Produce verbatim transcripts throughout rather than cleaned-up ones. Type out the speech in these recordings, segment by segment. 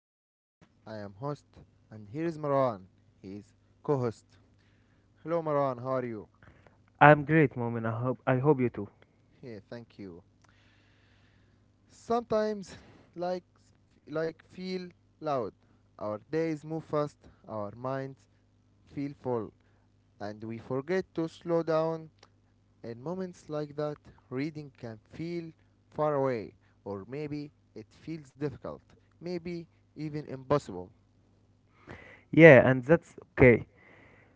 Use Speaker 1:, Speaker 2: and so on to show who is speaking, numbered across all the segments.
Speaker 1: Momin, I am host, and here is Marwan. He is co-host. Hello Marwan, how are you?
Speaker 2: I'm great, Moment. I hope I hope you too.
Speaker 1: Yeah, thank you. Sometimes, like, like feel loud. Our days move fast, our minds feel full, and we forget to slow down. In moments like that, reading can feel far away, or maybe it feels difficult, maybe even impossible.
Speaker 2: Yeah, and that's okay.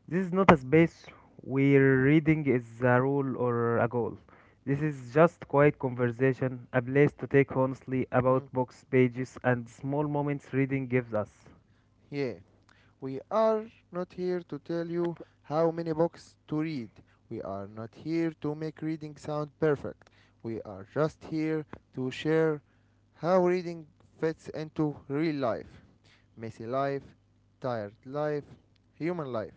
Speaker 2: This is not a space where reading is a rule or a goal. This is just quiet conversation, a place to take honestly
Speaker 1: Hmm.
Speaker 2: about books, pages, and small moments reading gives us.
Speaker 1: Yeah, we are not here to tell you how many books to read. We are not here to make reading sound perfect. We are just here to share how reading fits into real life. Messy life, tired life, human life.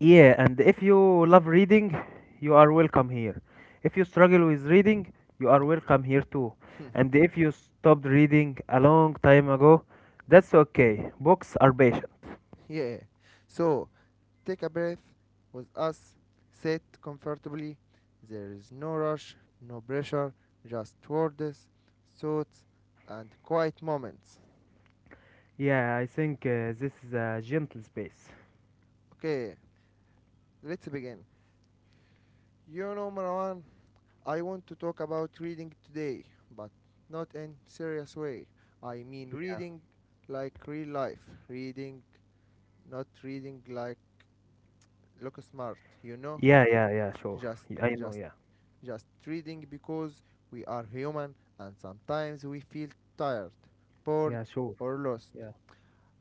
Speaker 2: Yeah, and if you love reading, you are welcome here. If you struggle with reading, you are welcome here too. And if you stopped reading a long time ago, that's okay. Books are patient.
Speaker 1: Yeah. So, take a breath with us, sit comfortably. There is no rush, no pressure, just words, thoughts, and quiet moments.
Speaker 2: Yeah, I think uh, this is a gentle space.
Speaker 1: Okay, let's begin. You know, Marwan, I want to talk about reading today, but not in serious way. I mean reading like real life, reading, not reading like look smart, you know?
Speaker 2: Yeah, yeah, yeah, sure.
Speaker 1: Just
Speaker 2: Yeah, I know,
Speaker 1: just
Speaker 2: yeah.
Speaker 1: just reading because we are human and sometimes we feel tired, bored
Speaker 2: Yeah, sure.
Speaker 1: or lost.
Speaker 2: Yeah.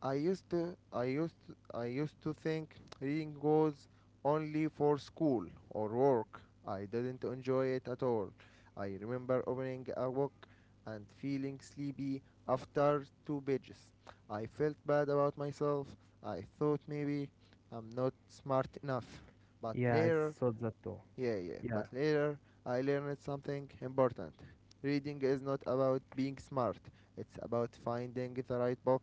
Speaker 1: I used to I used to, I used to think reading was only for school or work. I didn't enjoy it at all. I remember opening a book and feeling sleepy after two pages. I felt bad about myself. I thought maybe I'm not smart enough. But
Speaker 2: Yeah, I
Speaker 1: later
Speaker 2: thought that too.
Speaker 1: yeah, yeah. But
Speaker 2: Yeah.
Speaker 1: later I learned something important. Reading is not about being smart, it's about finding the right book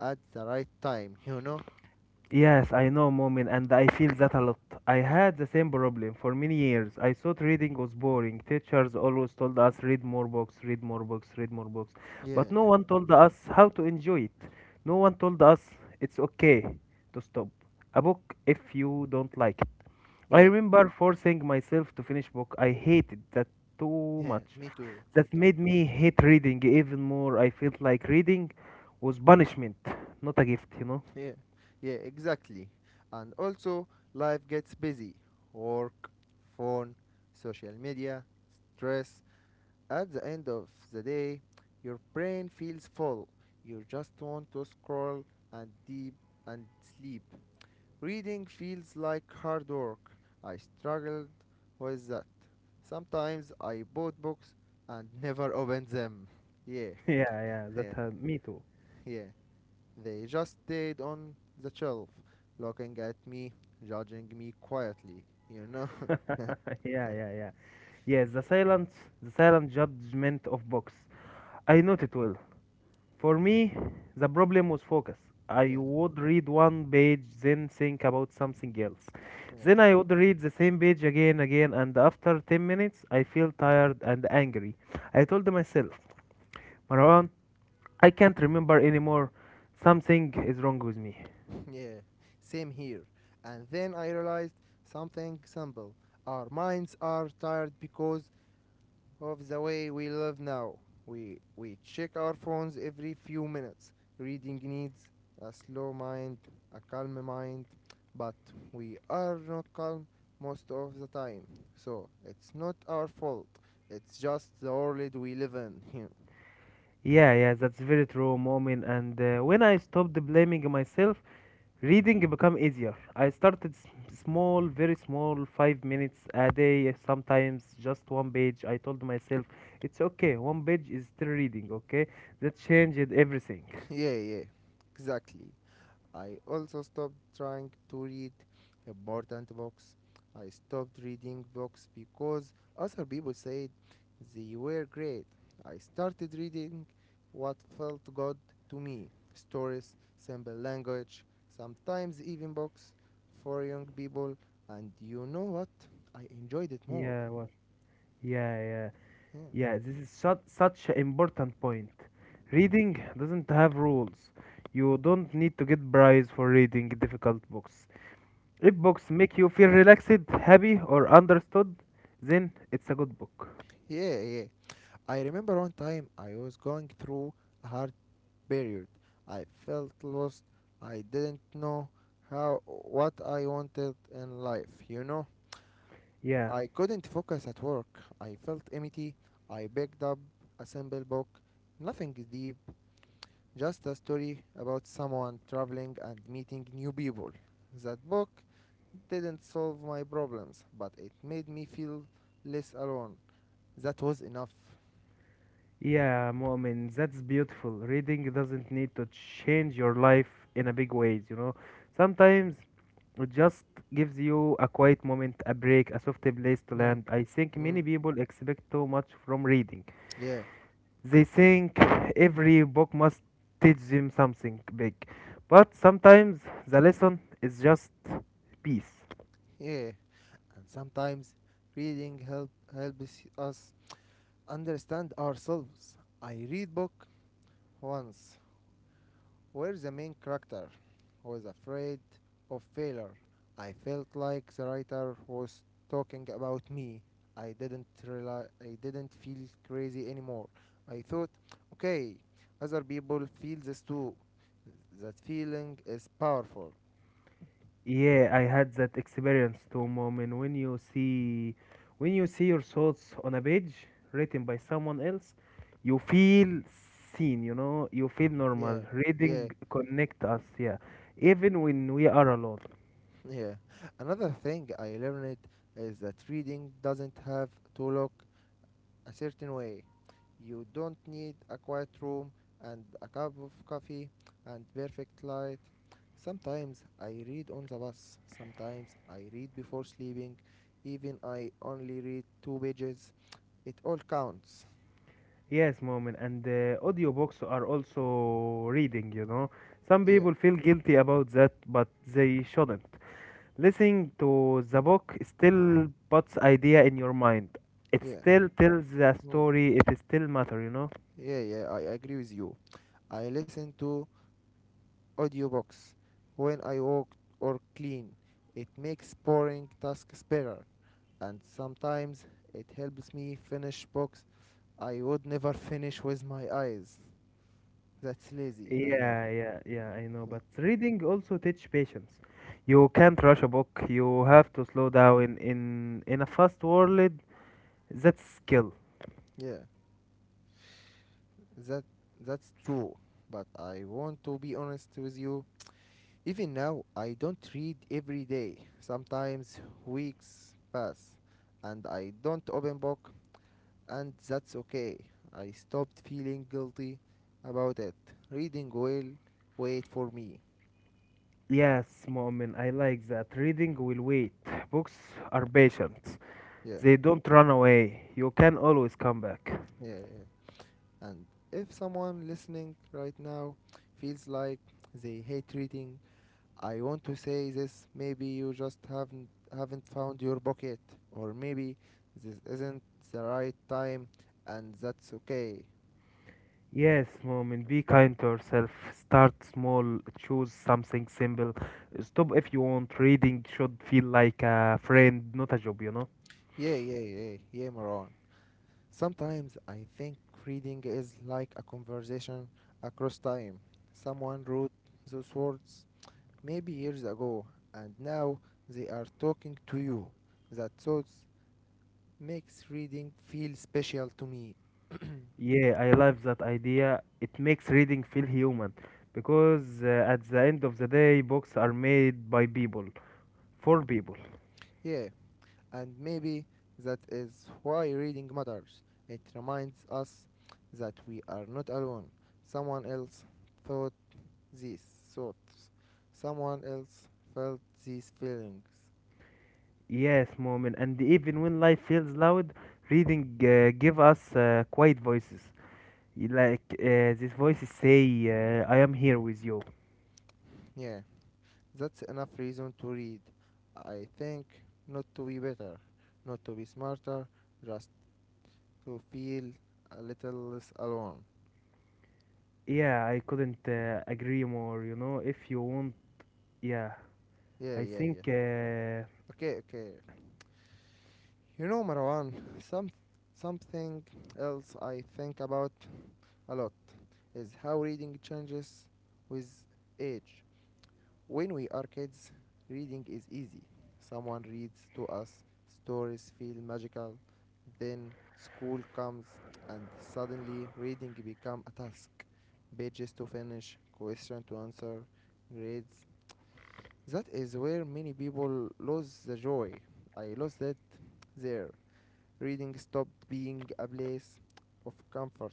Speaker 1: at the right time, you know?
Speaker 2: Yes, I know, Momin, and I feel that a lot. I had the same problem for many years. I thought reading was boring. Teachers always told us read more books, read more books, read more books.
Speaker 1: Yeah,
Speaker 2: But no one told us how to enjoy it. No one told us it's okay to stop a book if you don't like. I
Speaker 1: yeah,
Speaker 2: remember forcing myself to finish book. I hated that too
Speaker 1: yeah.
Speaker 2: much.
Speaker 1: Me too, me
Speaker 2: That
Speaker 1: too.
Speaker 2: made me hate reading even more. I felt like reading was punishment, not a gift, you know?
Speaker 1: Yeah, yeah, exactly. And also, life gets busy work, phone, social media, stress. At the end of the day, your brain feels full. You just want to scroll and deep and sleep. Reading feels like hard work. I struggled with that. Sometimes I bought books and never opened them. Yeah,
Speaker 2: Yeah, yeah,
Speaker 1: yeah,
Speaker 2: that uh, me too.
Speaker 1: yeah. They just stayed on the shelf, looking at me, judging me quietly, you know?
Speaker 2: Yeah, yeah, yeah. Yes, the silence, the silent judgment of books. I know it well. For me, the problem was focus. I
Speaker 1: yeah,
Speaker 2: would read one page, then think about something else.
Speaker 1: yeah,
Speaker 2: Then I would read the same page again, again, and after ten minutes, I feel tired and angry. I told myself, Marwan, I can't remember anymore. Something is wrong with me.
Speaker 1: yeah. Same here. And then I realized something simple. Our minds are tired because of the way we live now. We, we check our phones every few minutes. Reading needs a slow mind, a calm mind, but we are not calm most of the time. So it's not our fault. It's just the world we live in. Here.
Speaker 2: Yeah, yeah, that's very true, Momin. And uh, when I stopped blaming myself, reading become easier. I started s- small, very small, five minutes a day, sometimes just one page. I told myself, it's okay, one page is still reading, okay? That changed everything.
Speaker 1: yeah, yeah, exactly. I also stopped trying to read important books. I stopped reading books because other people said they were great. I started reading what felt good to me stories, simple language, sometimes even books for young people. And you know what? I enjoyed it more.
Speaker 2: Yeah, what? Yeah, yeah,
Speaker 1: Yeah,
Speaker 2: yeah. This is such such an important point. Reading doesn't have rules. You don't need to get prize for reading difficult books. If books make you feel relaxed, happy, or understood, then it's a good book.
Speaker 1: yeah, yeah. I remember one time I was going through a hard period. I felt lost. I didn't know how what I wanted in life, you know.
Speaker 2: Yeah.
Speaker 1: I couldn't focus at work. I felt empty. I picked up a simple book, nothing deep, just a story about someone traveling and meeting new people. That book didn't solve my problems, but it made me feel less alone. That was enough.
Speaker 2: Yeah, Mu'min, that's beautiful. Reading doesn't need to change your life in a big ways, you know. Sometimes it just gives you a quiet moment, a break, a soft place to
Speaker 1: Mm,
Speaker 2: land. I think
Speaker 1: mm,
Speaker 2: many people expect too much from reading.
Speaker 1: yeah,
Speaker 2: They think every book must teach them something big. But sometimes the lesson is just peace.
Speaker 1: yeah. And sometimes reading help, helps us understand ourselves. I read book once where the main character was afraid of failure. I felt like the writer was talking about me. I didn't realize, I didn't feel crazy anymore. I thought, okay, other people feel this too. That feeling is powerful.
Speaker 2: Yeah, I had that experience too, mom. And when you see, When you see your thoughts on a page written by someone else, you feel seen. You know, you feel
Speaker 1: Yeah,
Speaker 2: normal.
Speaker 1: yeah,
Speaker 2: Reading connect us. Yeah, even when we are alone.
Speaker 1: yeah. Another thing I learned is that reading doesn't have to look a certain way. You don't need a quiet room and a cup of coffee and perfect light. Sometimes I read on the bus, sometimes I read before sleeping, even I only read two pages. It all counts.
Speaker 2: Yes, mom. And and, uh, audiobooks are also reading. You know, some
Speaker 1: Yeah,
Speaker 2: people feel guilty about that, but they shouldn't. Listening to the book still puts idea in your mind. It
Speaker 1: yeah.
Speaker 2: still tells the
Speaker 1: Mm.
Speaker 2: story. It still matter, you know.
Speaker 1: Yeah, yeah, I agree with you. I listen to audiobooks when I walk or clean. It makes boring tasks better, and sometimes it helps me finish books I would never finish with my eyes. That's lazy, I know.
Speaker 2: Yeah, yeah, yeah. I know, but reading also teach patience. You can't rush a book. You have to slow down. In in a fast world, that's skill.
Speaker 1: yeah, that that's true. But I want to be honest with you. Even now, I don't read every day. Sometimes weeks pass, and I don't open book and that's okay. I stopped feeling guilty about it. Reading will wait for me.
Speaker 2: Yes, Mu'min, I like that. Reading will wait. Books are patient.
Speaker 1: Yeah,
Speaker 2: They don't run away. You can always come back.
Speaker 1: yeah, yeah. And if someone listening right now feels like they hate reading, I want to say this. Maybe you just haven't haven't found your pocket, or maybe this isn't the right time, and that's okay.
Speaker 2: Yes, Moment, be kind to yourself. Start small, choose something simple. Stop if you want. Reading should feel like a friend, not a job, you know?
Speaker 1: Yeah, yeah, yeah, yeah, Maran. Sometimes I think reading is like a conversation across time. Someone wrote those words maybe years ago, and now they are talking to you. That thought makes reading feel special to me.
Speaker 2: Yeah, I love that idea. It makes reading feel human because uh, at the end of the day, books are made by people, for people.
Speaker 1: yeah, and maybe that is why reading matters. It reminds us that we are not alone. Someone else thought these thoughts. Someone else felt these feelings.
Speaker 2: Yes, Moment, and even when life feels loud, reading uh, give us uh, quiet voices. Like uh, this voices say, uh, I am here with you.
Speaker 1: Yeah. That's enough reason to read. I think not to be better, not to be smarter, just to feel a little less alone.
Speaker 2: Yeah, I couldn't uh, agree more. You know, if you want, yeah,
Speaker 1: Yeah,
Speaker 2: I
Speaker 1: yeah,
Speaker 2: think,
Speaker 1: yeah.
Speaker 2: uh,
Speaker 1: Okay, okay. You know, Marwan, some something else I think about a lot is how reading changes with age. When we are kids, reading is easy. Someone reads to us, stories feel magical. Then school comes, and suddenly reading become a task. Pages to finish, question to answer, grades. That is where many people lose the joy. I lost it there. Reading stopped being a place of comfort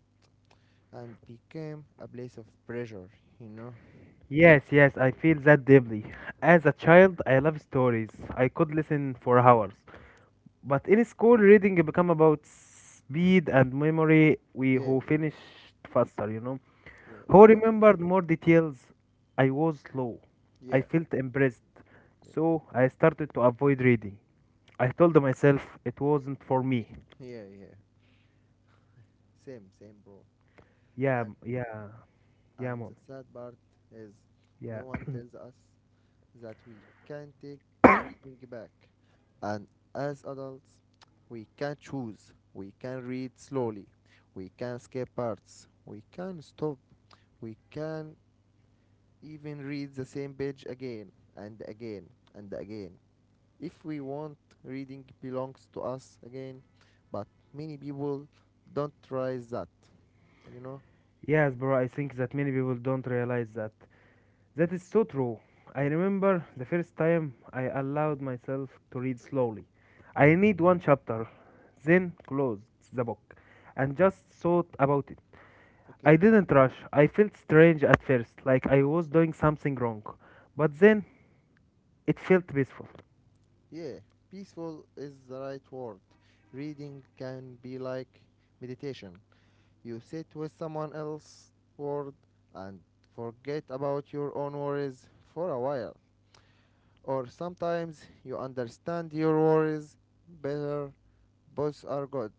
Speaker 1: and became a place of pressure, you know?
Speaker 2: yes, yes, I feel that deeply. As a child, I love stories. I could listen for hours. But in school, reading become about speed and memory. We
Speaker 1: Yeah,
Speaker 2: who
Speaker 1: yeah,
Speaker 2: finished faster, you know,
Speaker 1: yeah,
Speaker 2: who
Speaker 1: I know.
Speaker 2: remembered more details. I was slow. I
Speaker 1: Yeah,
Speaker 2: felt embarrassed,
Speaker 1: yeah,
Speaker 2: so I started to avoid reading. I told myself it wasn't for me.
Speaker 1: yeah, yeah. Same, same, bro.
Speaker 2: Yeah,
Speaker 1: And
Speaker 2: m- yeah, yeah,
Speaker 1: and the
Speaker 2: mom.
Speaker 1: sad part is
Speaker 2: Yeah.
Speaker 1: no one tells us that we can take reading back. And as adults, we can choose. We can read slowly. We can skip parts. We can stop. We can even read the same page again and again and again. If we want, reading belongs to us again. But many people don't try that, you know?
Speaker 2: Yes, bro, I think that many people don't realize that. That is so true. I remember the first time I allowed myself to read slowly. I read one chapter, then closed the book and just thought about it.
Speaker 1: Okay.
Speaker 2: I didn't rush. I felt strange at first, like I was doing something wrong. But then it felt peaceful.
Speaker 1: Yeah, peaceful is the right word. Reading can be like meditation. You sit with someone else's word and forget about your own worries for a while. Or sometimes you understand your worries better. Both are good,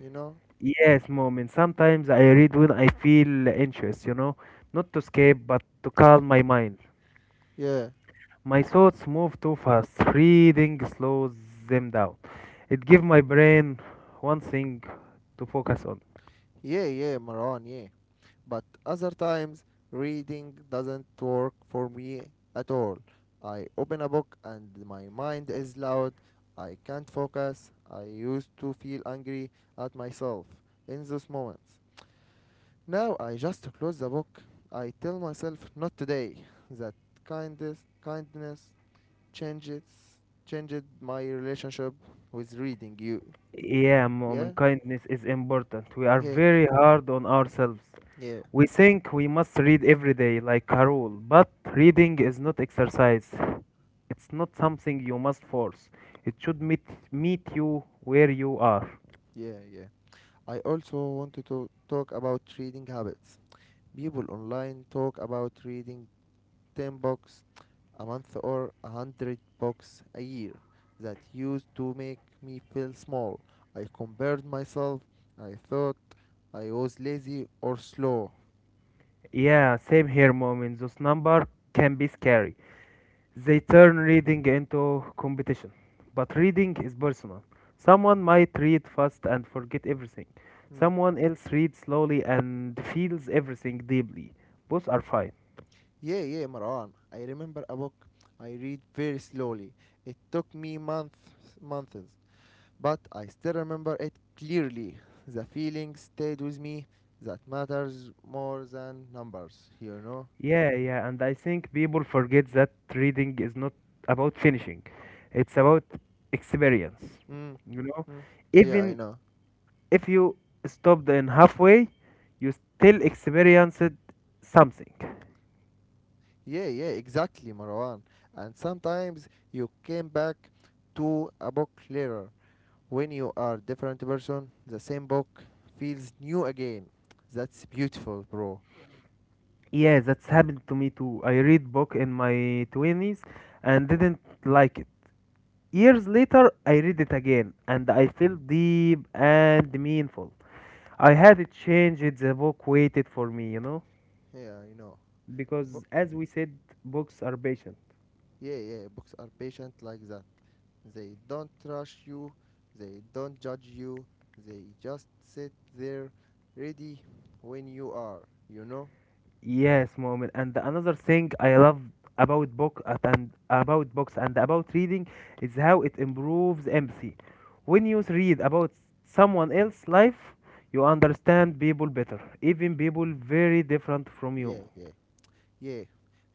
Speaker 1: you know?
Speaker 2: Yes, mom, and sometimes I read when I feel anxious, you know, not to escape, but to calm my mind.
Speaker 1: Yeah.
Speaker 2: My thoughts move too fast. Reading slows them down. It gives my brain one thing to focus on.
Speaker 1: Yeah, yeah, Maran, yeah. But other times reading doesn't work for me at all. I open a book and my mind is loud. I can't focus. I used to feel angry at myself in those moments. Now I just close the book. I tell myself not today that kindness kindness changes changed my relationship with reading you.
Speaker 2: Yeah, mom,
Speaker 1: Yeah?
Speaker 2: kindness is important. We are
Speaker 1: Yeah.
Speaker 2: very hard on ourselves.
Speaker 1: Yeah.
Speaker 2: We think we must read every day like a rule, but reading is not exercise. It's not something you must force. It should meet meet you where you are.
Speaker 1: Yeah, yeah. I also wanted to talk about reading habits. People online talk about reading ten books a month or one hundred books a year. That used to make me feel small. I compared myself. I thought I was lazy or slow.
Speaker 2: Yeah, same here, mom. And This number can be scary. They turn reading into competition. But reading is personal. Someone might read fast and forget everything.
Speaker 1: Mm.
Speaker 2: Someone else reads slowly and feels everything deeply. Both are fine.
Speaker 1: Yeah, yeah, Marwan. I remember a book I read very slowly. It took me months, months, but I still remember it clearly. The feeling stayed with me. That matters more than numbers, you know.
Speaker 2: Yeah, yeah, and I think people forget that reading is not about finishing. It's about experience.
Speaker 1: Mm,
Speaker 2: You know,
Speaker 1: mm. Yeah, I
Speaker 2: even
Speaker 1: know.
Speaker 2: if you stopped in halfway, you still experienced something.
Speaker 1: Yeah, yeah, exactly, Marwan. And sometimes you came back to a book later. When you are different person, the same book feels new again. That's beautiful, bro.
Speaker 2: Yeah, that's happened to me too. I read book in my twenties and didn't like it. Years later, I read it again and I felt deep and meaningful. I had it changed, the book waited for me, you know?
Speaker 1: Yeah, I know.
Speaker 2: Because
Speaker 1: Bo-
Speaker 2: as we said, books are patient.
Speaker 1: yeah, yeah, books are patient like that. They don't rush you, they don't judge you, they just sit there ready when you are, you know?
Speaker 2: Yes, moment. And another thing I love about book at- and about books and about reading is how it improves empathy. When you read about someone else's life, you understand people better, even people very different from you.
Speaker 1: Yeah, yeah. Yeah,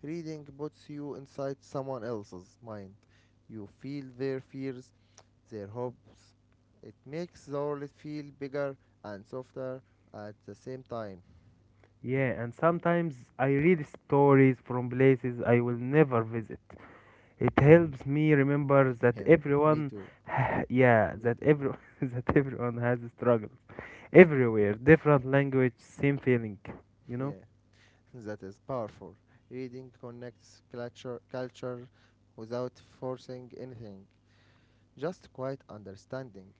Speaker 1: reading puts you inside someone else's mind. You feel their fears, their hopes. It makes the world feel bigger and softer at the same time.
Speaker 2: Yeah, and sometimes I read stories from places I will never visit. It helps me remember that
Speaker 1: Yeah, me
Speaker 2: everyone,
Speaker 1: too.
Speaker 2: yeah,
Speaker 1: Me
Speaker 2: that
Speaker 1: too.
Speaker 2: every that everyone has struggles. Everywhere, different language, same feeling, you know?
Speaker 1: Yeah, that is powerful. Reading connects culture, culture without forcing anything, just quiet understanding.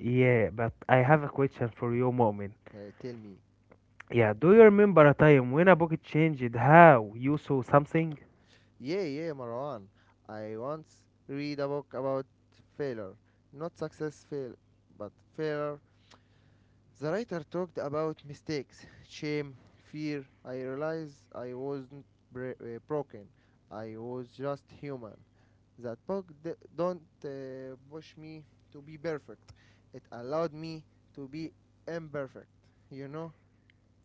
Speaker 2: Yeah, but I have a question for you, Moment.
Speaker 1: Uh, tell me,
Speaker 2: Yeah, do you remember a time when a book changed how you saw something?
Speaker 1: yeah, yeah, Marwan. I once read a book about failure, not success fail, but failure. The writer talked about mistakes, shame, fear. I realized I wasn't bra- uh, broken. I was just human. That book d- don't uh, push me to be perfect. It allowed me to be imperfect. You know?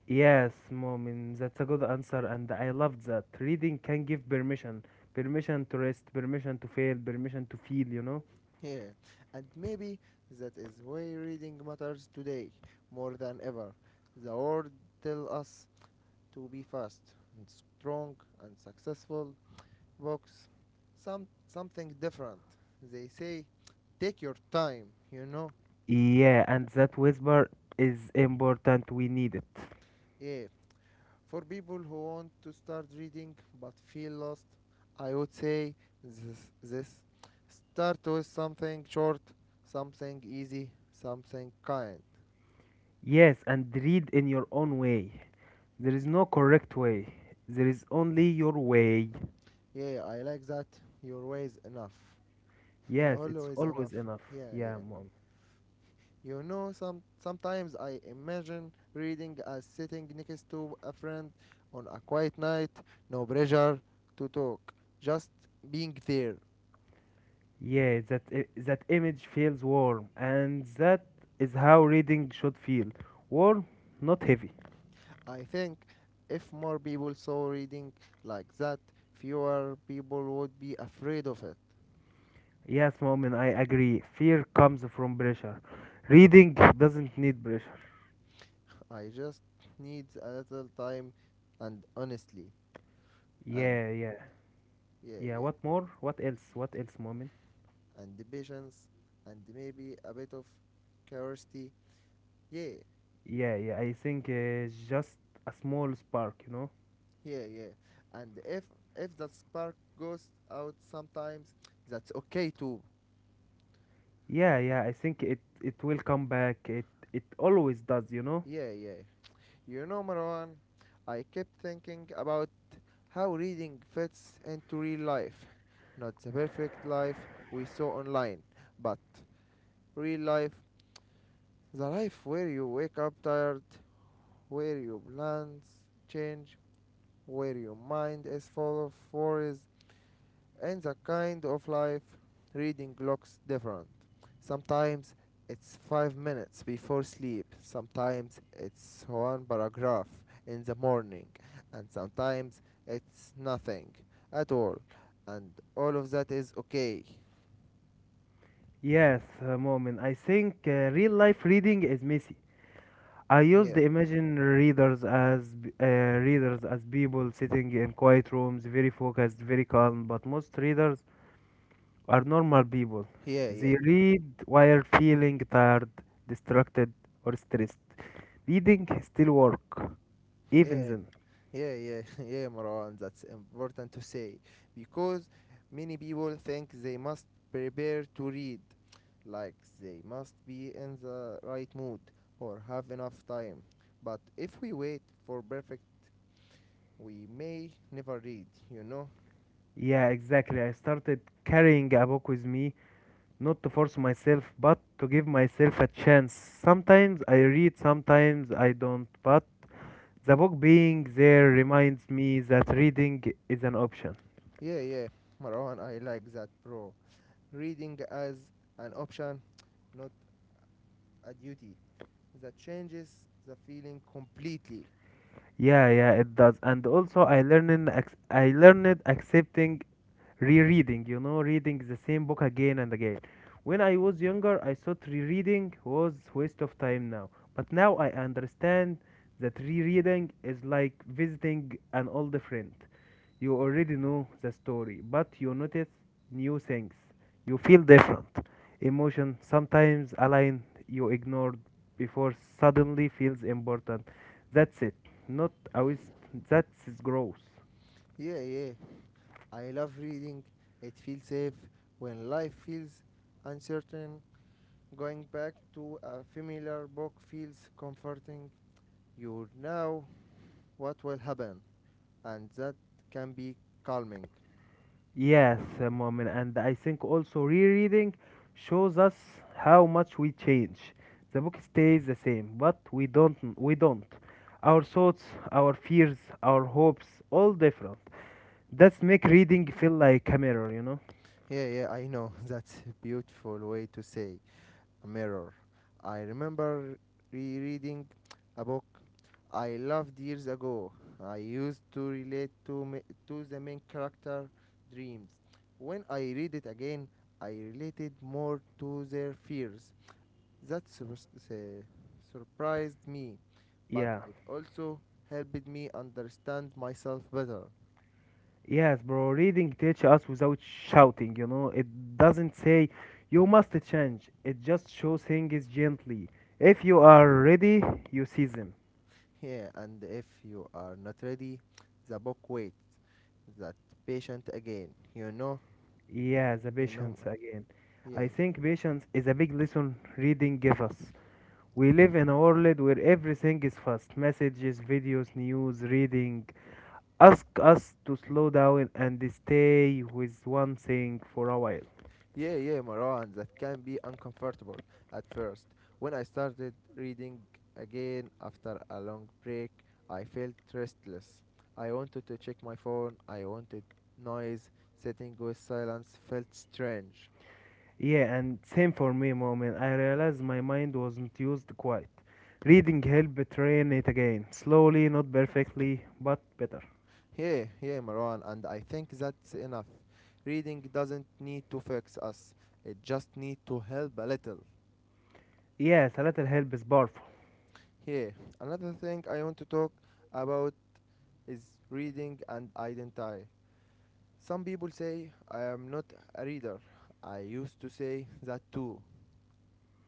Speaker 2: Yes, Moment, that's a good answer, and I love that. Reading can give permission permission to rest, permission to fail, permission to feel, you know?
Speaker 1: Yeah, and maybe that is why reading matters today more than ever. The world tells us to be fast and strong and successful. Books, some something different. They say, take your time. You know.
Speaker 2: Yeah, and that whisper is important, we need it.
Speaker 1: Yeah. For people who want to start reading but feel lost, I would say this: this. Start with something short, something easy, something kind.
Speaker 2: Yes, and read in your own way. There is no correct way. There is only your way.
Speaker 1: Yeah, yeah, I like that. Your ways enough.
Speaker 2: Yes, it's
Speaker 1: Always enough.
Speaker 2: always enough.
Speaker 1: Yeah,
Speaker 2: Yeah,
Speaker 1: yeah. Well,
Speaker 2: mom.
Speaker 1: you know, some sometimes I imagine reading as sitting next to a friend on a quiet night, no pressure to talk, just being there.
Speaker 2: Yeah, that i- that image feels warm, and that is how reading should feel. Warm, not heavy.
Speaker 1: I think if more people saw reading like that, fewer people would be afraid of it.
Speaker 2: Yes, mom, and I agree. Fear comes from pressure. Reading doesn't need pressure.
Speaker 1: I just need a little time and honestly and
Speaker 2: Yeah, yeah,
Speaker 1: yeah,
Speaker 2: yeah.
Speaker 1: yeah.
Speaker 2: What more? What else? What else, mom?
Speaker 1: And the patience and maybe a bit of curiosity. Yeah,
Speaker 2: Yeah, yeah. I think uh, just a small spark, you know.
Speaker 1: yeah, yeah. And if if that spark goes out sometimes, that's okay too.
Speaker 2: Yeah, yeah. I think it it will come back. It it always does, you know.
Speaker 1: Yeah, yeah. You know, Marwan, I kept thinking about how reading fits into real life. Not the perfect life we saw online, but real life, the life where you wake up tired, where your plans change, where your mind is full of worries, and the kind of life reading looks different. Sometimes it's five minutes before sleep, sometimes it's one paragraph in the morning, and sometimes it's nothing at all. And all of that is okay.
Speaker 2: Yes, uh, Momin. I think uh, real life reading is messy. I use
Speaker 1: Yeah,
Speaker 2: the imagine readers as b- uh, readers as people sitting in quiet rooms, very focused, very calm. But most readers are normal people.
Speaker 1: yeah, yeah,
Speaker 2: They read while feeling tired, distracted, or stressed. Reading still work, even
Speaker 1: yeah.
Speaker 2: then.
Speaker 1: Yeah, yeah, yeah, Marwan, that's important to say because many people think they must prepare to read, like they must be in the right mood or have enough time. But if we wait for perfect, we may never read, you know?
Speaker 2: Yeah, exactly. I started carrying a book with me not to force myself, but to give myself a chance. Sometimes I read, sometimes I don't, but the book being there reminds me that reading is an option.
Speaker 1: Yeah, yeah, Marwan, I like that, bro. Reading as an option, not a duty, that changes the feeling completely.
Speaker 2: Yeah, yeah, it does. And also, I learned ac- I learned accepting rereading, you know, reading the same book again and again. When I was younger, I thought rereading was waste of time now. But now I understand that rereading is like visiting an old friend. You already know the story, but you notice new things. You feel different. Emotion sometimes a line you ignored before suddenly feels important. That's it. Not a waste. That's its growth.
Speaker 1: Yeah, yeah, I love reading. It feels safe when life feels uncertain. Going back to a familiar book feels comforting. You know what will happen, and that can be calming.
Speaker 2: Yes, uh, Mu'min, and I think also rereading shows us how much we change. The book stays the same, but we don't. We don't. Our thoughts, our fears, our hopes, all different. That's make reading feel like a mirror, you know?
Speaker 1: Yeah, yeah, I know. That's a beautiful way to say mirror. I remember rereading a book I loved years ago. I used to relate to ma- to the main character dreams. When I read it again, I related more to their fears. That sur- se- surprised me, but
Speaker 2: Yeah.
Speaker 1: it also helped me understand myself better.
Speaker 2: Yes, bro. Reading teach us without shouting, you know? It doesn't say you must change. It just shows things gently. If you are ready, you see them.
Speaker 1: Yeah, and if you are not ready, the book waits. That patient again. You know,
Speaker 2: Yeah, the
Speaker 1: you know,
Speaker 2: patience
Speaker 1: man.
Speaker 2: again.
Speaker 1: Yeah,
Speaker 2: I think
Speaker 1: yeah.
Speaker 2: patience is a big lesson reading give us. We live in a world where everything is fast. Messages, videos, news, reading. Ask us to slow down and stay with one thing for a while.
Speaker 1: Yeah, yeah, Maran, that can be uncomfortable at first. When I started reading again after a long break, I felt restless. I wanted to check my phone, I wanted noise, sitting with silence felt strange.
Speaker 2: Yeah, and same for me, moment. I realized my mind wasn't used quite. Reading helped train it again. Slowly, not perfectly, but better.
Speaker 1: Yeah, yeah, Maran, and I think that's enough. Reading doesn't need to fix us, it just needs to help a little.
Speaker 2: Yes, a little help is powerful.
Speaker 1: Yeah, another thing I want to talk about is reading and identity. Some people say I am not a reader. I used to say that too.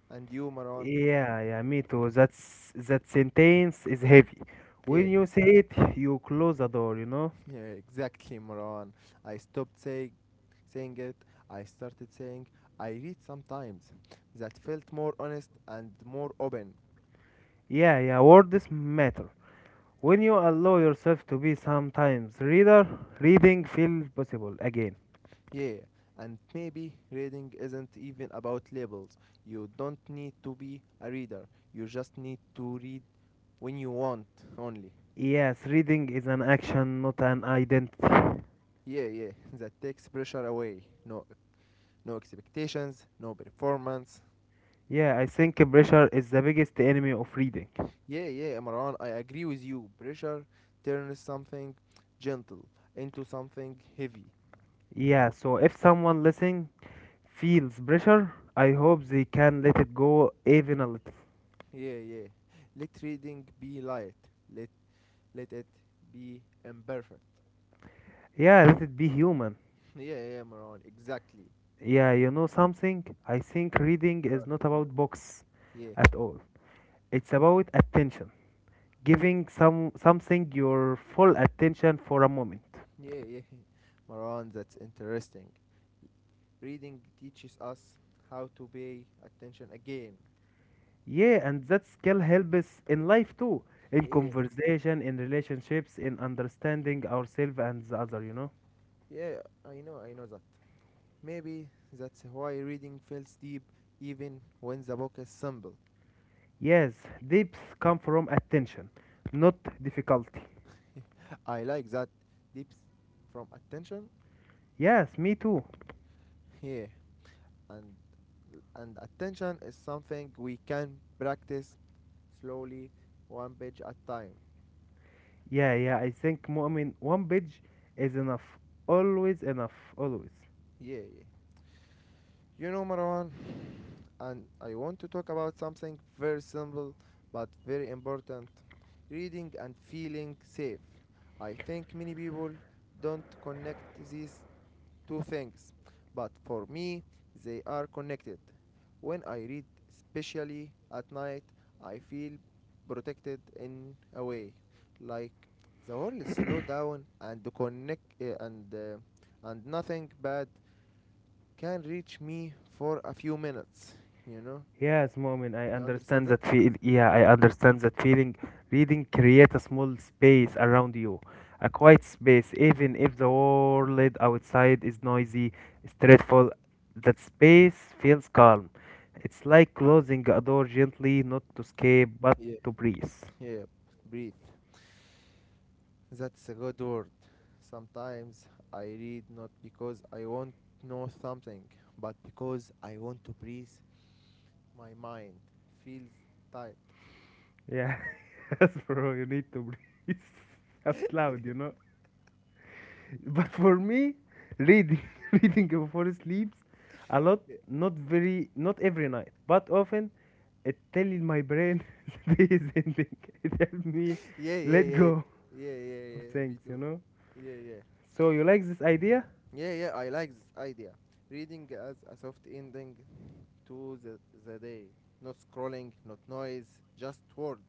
Speaker 1: And you, Maran?
Speaker 2: Yeah, yeah, me too. That's that sentence is heavy.
Speaker 1: Yeah,
Speaker 2: When you say it, you close the door, you know?
Speaker 1: yeah, exactly, Maran. I stopped saying saying it. I started saying I read sometimes. That felt more honest and more open.
Speaker 2: Yeah, yeah, words matter. When you allow yourself to be sometimes reader, reading feels possible again.
Speaker 1: Yeah, and maybe reading isn't even about labels. You don't need to be a reader. You just need to read when you want only.
Speaker 2: Yes, reading is an action, not an identity.
Speaker 1: Yeah, yeah, that takes pressure away. No, No expectations, no performance.
Speaker 2: Yeah, I think pressure is the biggest enemy of reading.
Speaker 1: Yeah, yeah, Imran, I agree with you. Pressure turns something gentle into something heavy.
Speaker 2: Yeah, so if someone listening feels pressure, I hope they can let it go even a little.
Speaker 1: Yeah, yeah. Let reading be light. Let let it be imperfect.
Speaker 2: Yeah, let it be human.
Speaker 1: Yeah, yeah, Maran, exactly.
Speaker 2: Yeah, you know something? I think reading is
Speaker 1: But,
Speaker 2: not
Speaker 1: uh,
Speaker 2: about books
Speaker 1: yeah,
Speaker 2: at all. It's about attention. Giving some something your full attention for a moment.
Speaker 1: yeah, yeah. Maran, that's interesting. Y- Reading teaches us how to pay attention again.
Speaker 2: Yeah, and that skill helps in life too. In
Speaker 1: Yeah,
Speaker 2: conversation, in relationships, in understanding ourselves and the other, you know?
Speaker 1: yeah, I know, I know that. Maybe that's why reading feels deep even when the book is simple.
Speaker 2: Yes, depths come from attention, not difficulty.
Speaker 1: I like that, depth from attention.
Speaker 2: Yes, me too.
Speaker 1: here, Yeah, and and attention is something we can practice slowly, one page at time.
Speaker 2: Yeah, yeah, I think Mu'min, one page is enough. Always enough, always.
Speaker 1: Yeah, yeah. You know, Marwan, and I want to talk about something very simple but very important: reading and feeling safe. I think many people don't connect these two things, but for me, they are connected. When I read, especially at night, I feel protected in a way, like the world slow down and connect uh, and uh, and nothing bad can reach me for a few minutes. You know,
Speaker 2: Yes, Mu'min, I
Speaker 1: you understand
Speaker 2: understand
Speaker 1: that?
Speaker 2: that feel. Yeah, I
Speaker 1: Yeah,
Speaker 2: understand that feeling. Reading create a small space around you, a quiet space, even if the world outside is noisy, stressful. That space feels calm. It's like closing a door gently, not to escape, but
Speaker 1: yeah,
Speaker 2: to breathe.
Speaker 1: yeah. Breathe. That's a good word. Sometimes I read not because I want to know something, but because I want to breathe. My mind feels tight.
Speaker 2: Yeah, yes, bro, you need to breathe out loud, you know. But for me, reading, reading before sleeps, a lot,
Speaker 1: yeah,
Speaker 2: not very, not every night, but often, it tells my brain the day is ending. It helps me
Speaker 1: yeah, yeah,
Speaker 2: let
Speaker 1: yeah,
Speaker 2: go
Speaker 1: yeah,
Speaker 2: of
Speaker 1: yeah,
Speaker 2: things,
Speaker 1: We
Speaker 2: you
Speaker 1: do.
Speaker 2: know.
Speaker 1: Yeah, yeah,
Speaker 2: So you like this idea?
Speaker 1: yeah, yeah. I like this idea. Reading as a soft ending to the, the day. Not scrolling, not noise, just words.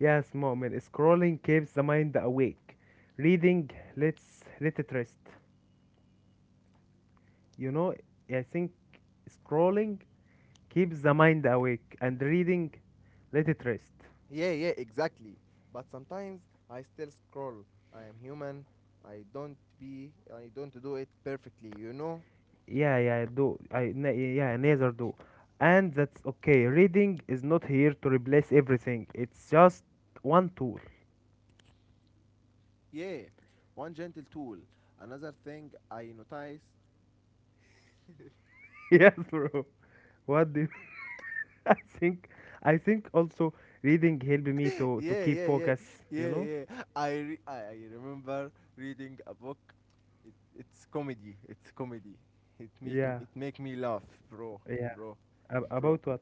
Speaker 2: Yes, mom. And scrolling keeps the mind awake. Reading, let's let it rest. You know, I think scrolling keeps the mind awake and reading let it rest.
Speaker 1: Yeah, yeah, exactly. But sometimes I still scroll. I am human. I don't be I don't do it perfectly, you know?
Speaker 2: Yeah, yeah, do i ne- yeah, neither do. And that's okay. Reading is not here to replace everything. It's just one tool.
Speaker 1: Yeah, one gentle tool. Another thing I notice.
Speaker 2: Yes, bro. what do you, i think I think also reading helped me to to
Speaker 1: Yeah,
Speaker 2: keep
Speaker 1: yeah, yeah.
Speaker 2: focus, you
Speaker 1: Yeah,
Speaker 2: know.
Speaker 1: yeah. I re- I, I remember reading a book. It, it's comedy. It's comedy. It make m-
Speaker 2: Yeah,
Speaker 1: it make me laugh, bro,
Speaker 2: yeah.
Speaker 1: bro,
Speaker 2: Ab-
Speaker 1: bro.
Speaker 2: about what?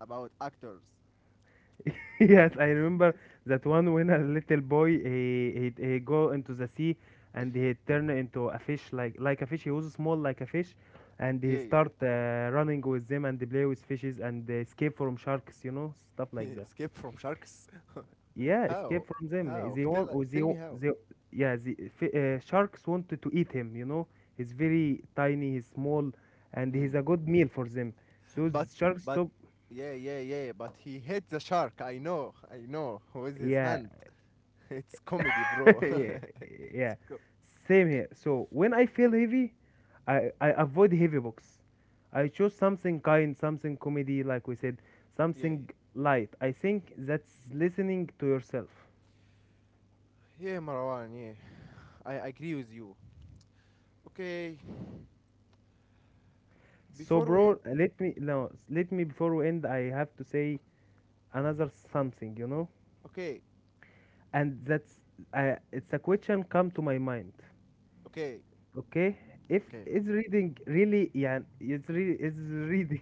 Speaker 1: About actors.
Speaker 2: Yes, I remember that one when a little boy, he, he he go into the sea, and he turn into a fish, like like a fish. He was small like a fish, and he
Speaker 1: Yeah, yeah.
Speaker 2: start uh, running with them and play with fishes and escape from sharks. You know, stuff like that.
Speaker 1: Escape from sharks?
Speaker 2: Yeah, escape
Speaker 1: How?
Speaker 2: from them.
Speaker 1: How?
Speaker 2: They want,
Speaker 1: Tell uh,
Speaker 2: or they
Speaker 1: tell me
Speaker 2: wa-
Speaker 1: how.
Speaker 2: they, yeah, the fi- uh, sharks wanted to eat him. You know, he's very tiny, he's small, and he's
Speaker 1: Hmm.
Speaker 2: a good meal for them. So
Speaker 1: But
Speaker 2: the sharks
Speaker 1: but
Speaker 2: stop.
Speaker 1: yeah yeah yeah. But he hit the shark. I know I know, with his
Speaker 2: Yeah,
Speaker 1: hand. It's comedy, bro.
Speaker 2: yeah,
Speaker 1: it's co-
Speaker 2: same here. So when I feel heavy, I, I avoid heavy books. I choose something kind, something comedy, like we said,
Speaker 1: yeah,
Speaker 2: something light. I think that's listening to yourself.
Speaker 1: yeah yeah Marwan. Yeah, I agree with you. Okay,
Speaker 2: So,
Speaker 1: before we end.
Speaker 2: bro, let me, no, let me, before we end, I have to say another something, you know,
Speaker 1: Okay
Speaker 2: and that's uh, it's a question come to my mind.
Speaker 1: okay
Speaker 2: Okay, if
Speaker 1: okay.
Speaker 2: is reading really, yeah, it's really, is reading,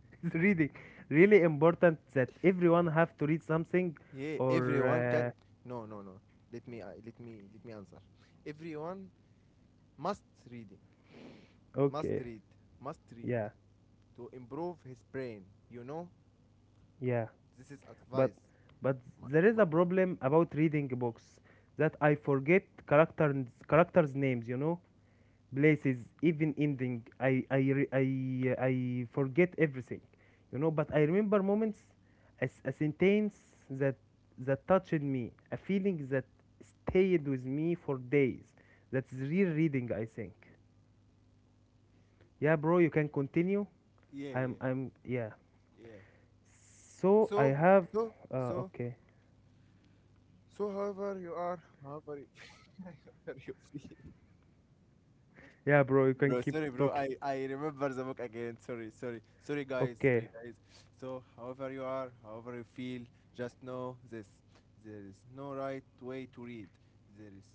Speaker 2: reading, really, really important that everyone have to read something,
Speaker 1: Yeah,
Speaker 2: or
Speaker 1: everyone can.
Speaker 2: uh,
Speaker 1: No no no. Let me uh, let me let me answer. Everyone must reading. Must
Speaker 2: okay,
Speaker 1: read. Must read.
Speaker 2: yeah,
Speaker 1: To improve his brain. You know,
Speaker 2: yeah.
Speaker 1: this is
Speaker 2: But
Speaker 1: advice.
Speaker 2: but
Speaker 1: My,
Speaker 2: there is
Speaker 1: my
Speaker 2: a
Speaker 1: advice.
Speaker 2: problem about reading books, that I forget characters characters names. You know, places, even ending. I I re- I I forget everything. You know, but I remember moments, a, s- a sentence that that touched me, a feeling that stayed with me for days. That's real reading, I think. Yeah, bro, you can continue.
Speaker 1: Yeah,
Speaker 2: I'm
Speaker 1: yeah,
Speaker 2: I'm yeah.
Speaker 1: yeah.
Speaker 2: So I
Speaker 1: So,
Speaker 2: have
Speaker 1: so,
Speaker 2: uh
Speaker 1: so,
Speaker 2: okay.
Speaker 1: so, however you are, however you, however you feel.
Speaker 2: Yeah, bro, you
Speaker 1: Bro,
Speaker 2: can keep
Speaker 1: sorry, bro.
Speaker 2: talking.
Speaker 1: I, I remember the book again. Sorry, sorry, sorry, guys. Sorry,
Speaker 2: Okay.
Speaker 1: guys. So, however you are, however you feel, just know this. There is no right way to read. There is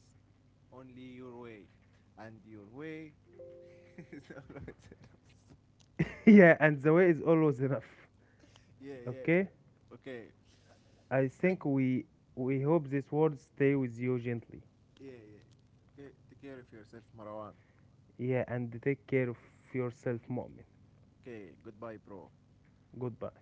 Speaker 1: only your way. And your way is not right enough.
Speaker 2: Yeah, and the way is always enough.
Speaker 1: Yeah, yeah,
Speaker 2: Okay?
Speaker 1: yeah. Okay.
Speaker 2: I
Speaker 1: Thank.
Speaker 2: think we we hope these words stay with you gently.
Speaker 1: Yeah, yeah. Okay. Take care of yourself, Marwan.
Speaker 2: Yeah, and take care of yourself, moment.
Speaker 1: Okay. Goodbye, bro.
Speaker 2: Goodbye.